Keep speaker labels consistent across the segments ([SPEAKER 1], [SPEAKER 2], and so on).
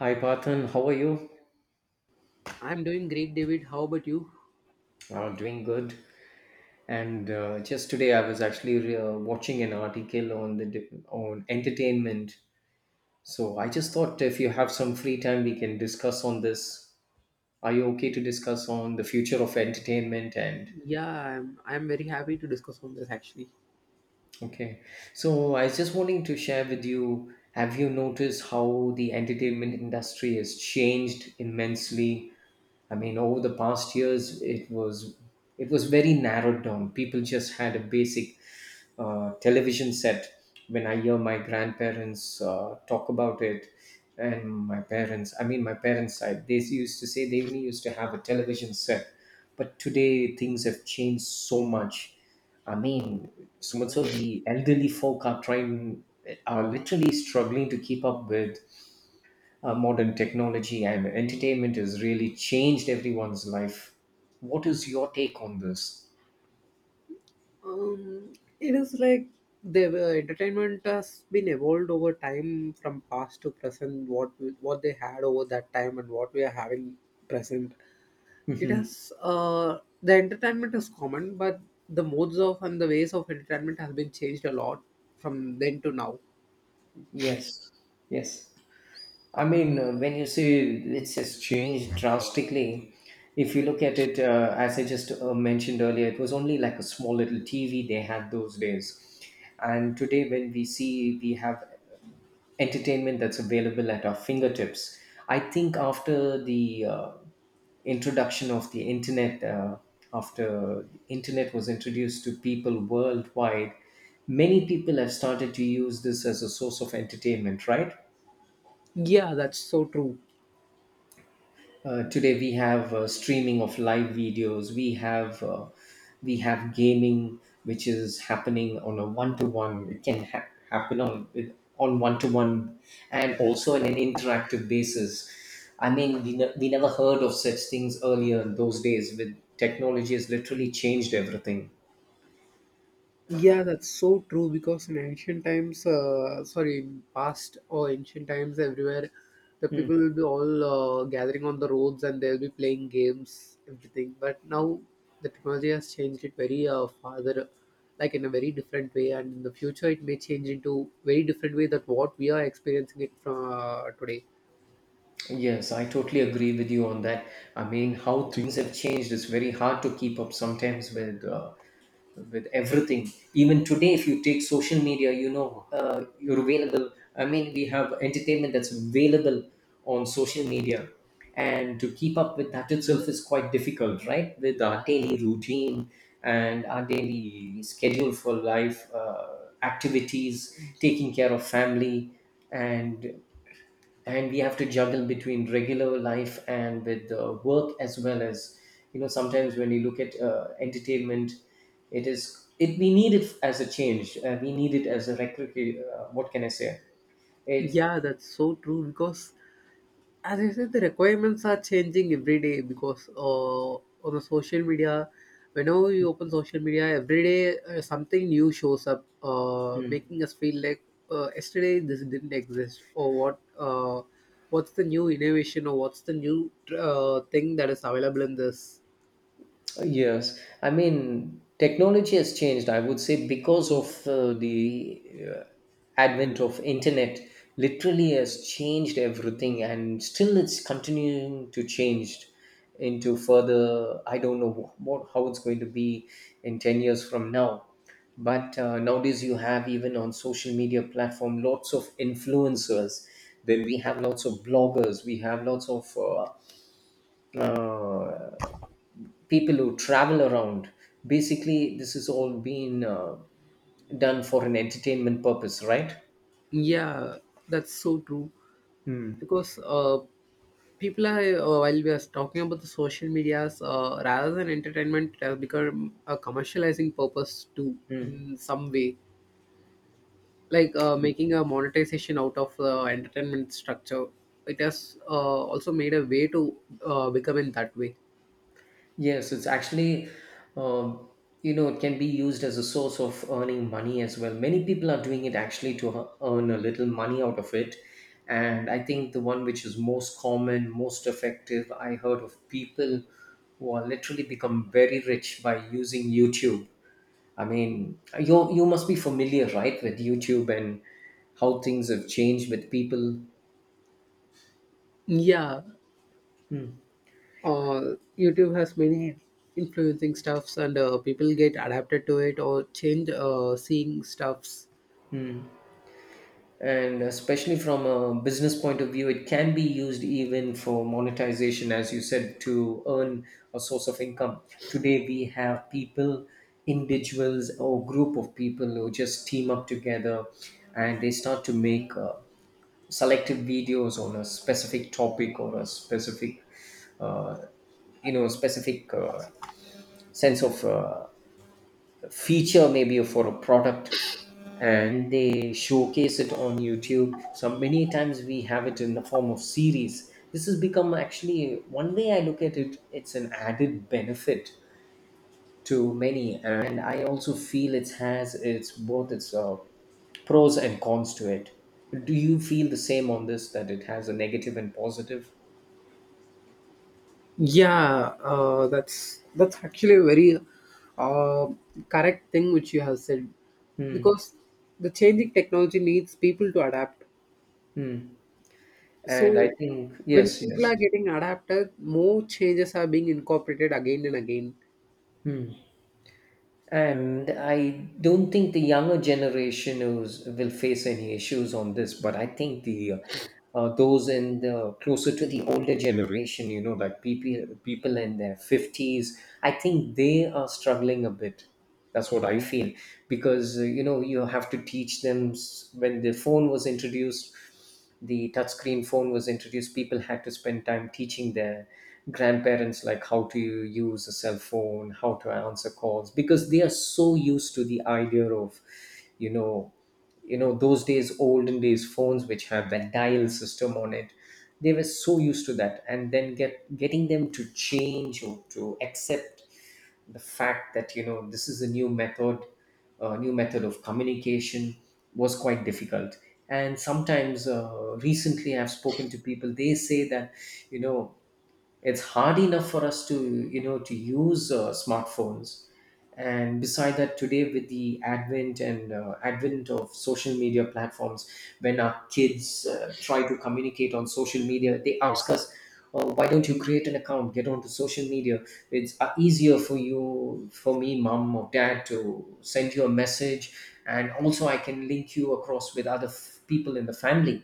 [SPEAKER 1] Hi Parthan, how are you?
[SPEAKER 2] I'm doing great, David. How about you?
[SPEAKER 1] Doing good. And Just today, I was actually watching an article on on entertainment. So I just thought if you have some free time, we can discuss on this. Are you okay to discuss on the future of entertainment?
[SPEAKER 2] Yeah, I'm very happy to discuss on this actually.
[SPEAKER 1] Okay, so I was just wanting to share with you. Have you noticed how the entertainment industry has changed immensely? I mean, over the past years, it was very narrowed down. People just had a basic television set. When I hear my grandparents talk about it, and my parents, I mean, my parents' side, they used to say they only used to have a television set. But today, things have changed so much. I mean, so much so the elderly folk are trying, are literally struggling to keep up with modern technology, and entertainment has really changed everyone's life. What is your take on this?
[SPEAKER 2] Um, it is like the entertainment has been evolved over time from past to present. What they had over that time and what we are having present. It
[SPEAKER 1] Mhm.
[SPEAKER 2] has the entertainment is common, but the modes of and the ways of entertainment has been changed a lot from then to now.
[SPEAKER 1] Yes. Yes. I mean, when you say it's just changed drastically, if you look at it, as I just mentioned earlier, it was only like a small little TV they had those days. And today, when we see, we have entertainment that's available at our fingertips. I think after the introduction of the internet, after the internet was introduced to people worldwide, many people have started to use this as a source of entertainment, right?
[SPEAKER 2] Yeah, that's so true.
[SPEAKER 1] Today we have streaming of live videos. We have gaming, which is happening on a one to one. Happen on one to one, and also in an interactive basis. I mean, we never heard of such things earlier in those days. With technology has literally changed everything.
[SPEAKER 2] Yeah, that's so true because in ancient times, sorry, in past or ancient times, everywhere, the people
[SPEAKER 1] Hmm.
[SPEAKER 2] will be all gathering on the roads and they'll be playing games, everything. But now the technology has changed it very farther, like in a very different way. And in the future, it may change into very different way that what we are experiencing it from today.
[SPEAKER 1] Yes, I totally agree with you on that. I mean, how things have changed is very hard to keep up sometimes with. With everything even today, if you take social media, you know, you're available, I mean, we have entertainment that's available on social media, and to keep up with that itself is quite difficult, right, with our daily routine and our daily schedule for life activities, taking care of family, and we have to juggle between regular life and with work, as well as, you know, sometimes when you look at entertainment, it is, it we need it as a change, we need it as a what can I say, it's
[SPEAKER 2] Yeah, that's so true because as you said, the requirements are changing every day because on the social media, whenever you open social media, every day something new shows up, making us feel like yesterday this didn't exist, or what, what's the new innovation, or what's the new thing that is available in this.
[SPEAKER 1] Yes, I mean, technology has changed, I would say, because of the uh, advent of internet literally has changed everything, and still it's continuing to change into further. I don't know what, how it's going to be in 10 years from now. But nowadays you have even on social media platform lots of influencers, then we have lots of bloggers, we have lots of uh, people who travel around. Basically, this has all been done for an entertainment purpose, right?
[SPEAKER 2] Yeah, that's so true because people are while we are talking about the social medias rather than entertainment it has become a commercializing purpose too
[SPEAKER 1] Mm.
[SPEAKER 2] in some way like making a monetization out of entertainment structure it has also made a way to become in that way.
[SPEAKER 1] Yes, it's actually, um, you know, it can be used as a source of earning money as well. Many people are doing it actually to earn a little money out of it. And I think the one which is most common, most effective, I heard of people who are literally become very rich by using YouTube. I mean, you must be familiar, right, with YouTube and how things have changed with people.
[SPEAKER 2] Yeah.
[SPEAKER 1] Hmm.
[SPEAKER 2] uh, YouTube has many influencing stuffs and people get adapted to it or change seeing stuffs.
[SPEAKER 1] And especially from a business point of view, it can be used even for monetization, as you said, to earn a source of income. Today, we have people, individuals, or group of people who just team up together, and they start to make selective videos on a specific topic or a specific uh, you know, specific sense of feature maybe for a product, and they showcase it on YouTube. So many times we have it in the form of series. This has become, actually, one way I look at it, it's an added benefit to many, and I also feel it has its, both its pros and cons to it. Do you feel the same on this, that it has a negative and positive?
[SPEAKER 2] Yeah, that's actually a very uh, correct thing which you have said
[SPEAKER 1] Hmm.
[SPEAKER 2] because the changing technology needs people to adapt.
[SPEAKER 1] Hmm. And I
[SPEAKER 2] So
[SPEAKER 1] think,
[SPEAKER 2] when
[SPEAKER 1] yes,
[SPEAKER 2] people are
[SPEAKER 1] yes.
[SPEAKER 2] getting adapted, more changes are being incorporated again and again.
[SPEAKER 1] Hmm. And I don't think the younger generation is, will face any issues on this, but I think the those in the closer to the older generation, you know, like people in their fifties, I think they are struggling a bit. That's what I feel, because you know, you have to teach them when the phone was introduced, the touchscreen phone was introduced, people had to spend time teaching their grandparents like how to use a cell phone, how to answer calls, because they are so used to the idea of, you know, you know, those days, olden days phones which have that dial system on it, they were so used to that, and then getting them to change or to accept the fact that, you know, this is a new method, a new method of communication, was quite difficult. And sometimes recently I've spoken to people, they say that, you know, it's hard enough for us to, you know, to use smartphones, and beside that today, with the advent and advent of social media platforms, when our kids try to communicate on social media, they ask us, oh, why don't you create an account, get onto social media, it's easier for you, for me, mom or dad, to send you a message, and also I can link you across with people in the family.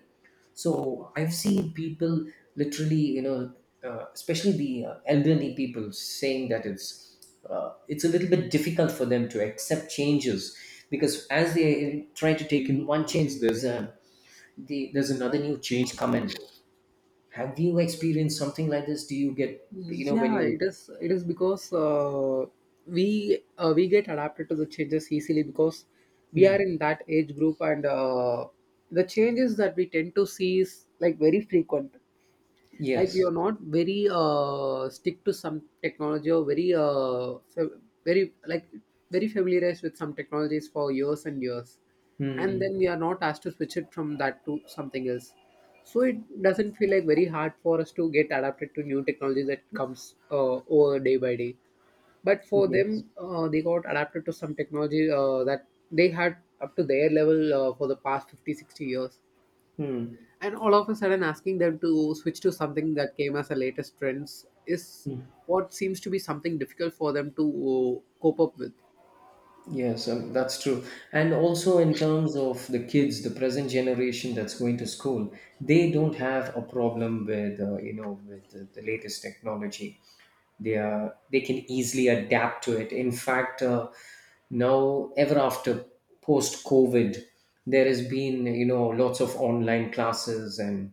[SPEAKER 1] So I've seen people literally, you know, especially the elderly people, saying that it's a little bit difficult for them to accept changes, because as they try to take in one change, there's there's another new change coming. Have you experienced something like this? Do you get, you know, when
[SPEAKER 2] Yeah,
[SPEAKER 1] you?
[SPEAKER 2] it is. It is because we get adapted to the changes easily because we are
[SPEAKER 1] Hmm.
[SPEAKER 2] in that age group and the changes that we tend to see is like very frequent, like we are
[SPEAKER 1] Yes.
[SPEAKER 2] not very stick to some technology or very very like very familiarized with some technologies for years and years and
[SPEAKER 1] Hmm.
[SPEAKER 2] then we are not asked to switch it from that to something else, so it doesn't feel like very hard for us to get adapted to new technologies that comes over day by day. But for
[SPEAKER 1] Yes.
[SPEAKER 2] them, they got adapted to some technology that they had up to their level for the past 50-60 years,
[SPEAKER 1] Hmm.
[SPEAKER 2] and all of a sudden asking them to switch to something that came as the latest trends is what seems to be something difficult for them to cope up with.
[SPEAKER 1] Yes, that's true. And also, in terms of the kids, the present generation that's going to school, they don't have a problem with you know, with the latest technology. They are, they can easily adapt to it. In fact, now ever after post COVID, there has been, you know, lots of online classes, and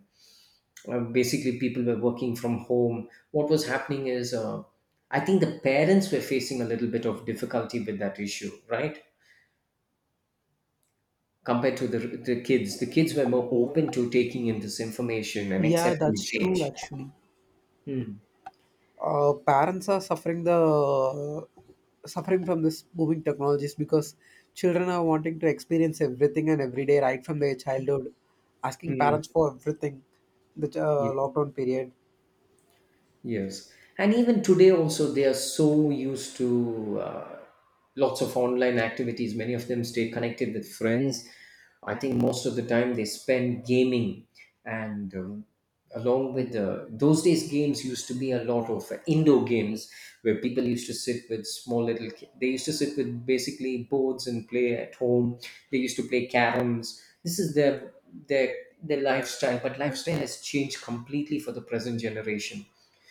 [SPEAKER 1] basically people were working from home. What was happening is, I think the parents were facing a little bit of difficulty with that issue, right? Compared to the kids. The kids were more open to taking in this information and
[SPEAKER 2] Yeah,
[SPEAKER 1] accepting
[SPEAKER 2] that's true
[SPEAKER 1] change.
[SPEAKER 2] actually.
[SPEAKER 1] Hmm.
[SPEAKER 2] Parents are suffering the suffering from this moving technologies because children are wanting to experience everything and every day right from their childhood, asking
[SPEAKER 1] Mm.
[SPEAKER 2] parents for everything. The lockdown period
[SPEAKER 1] Yes, and even today also they are so used to lots of online activities. Many of them stay connected with friends. I think most of the time they spend gaming, and along with those days, games used to be a lot of indoor games where people used to sit with small little. They used to sit with basically boards and play at home. They used to play caroms. This is their their lifestyle, but lifestyle has changed completely for the present generation.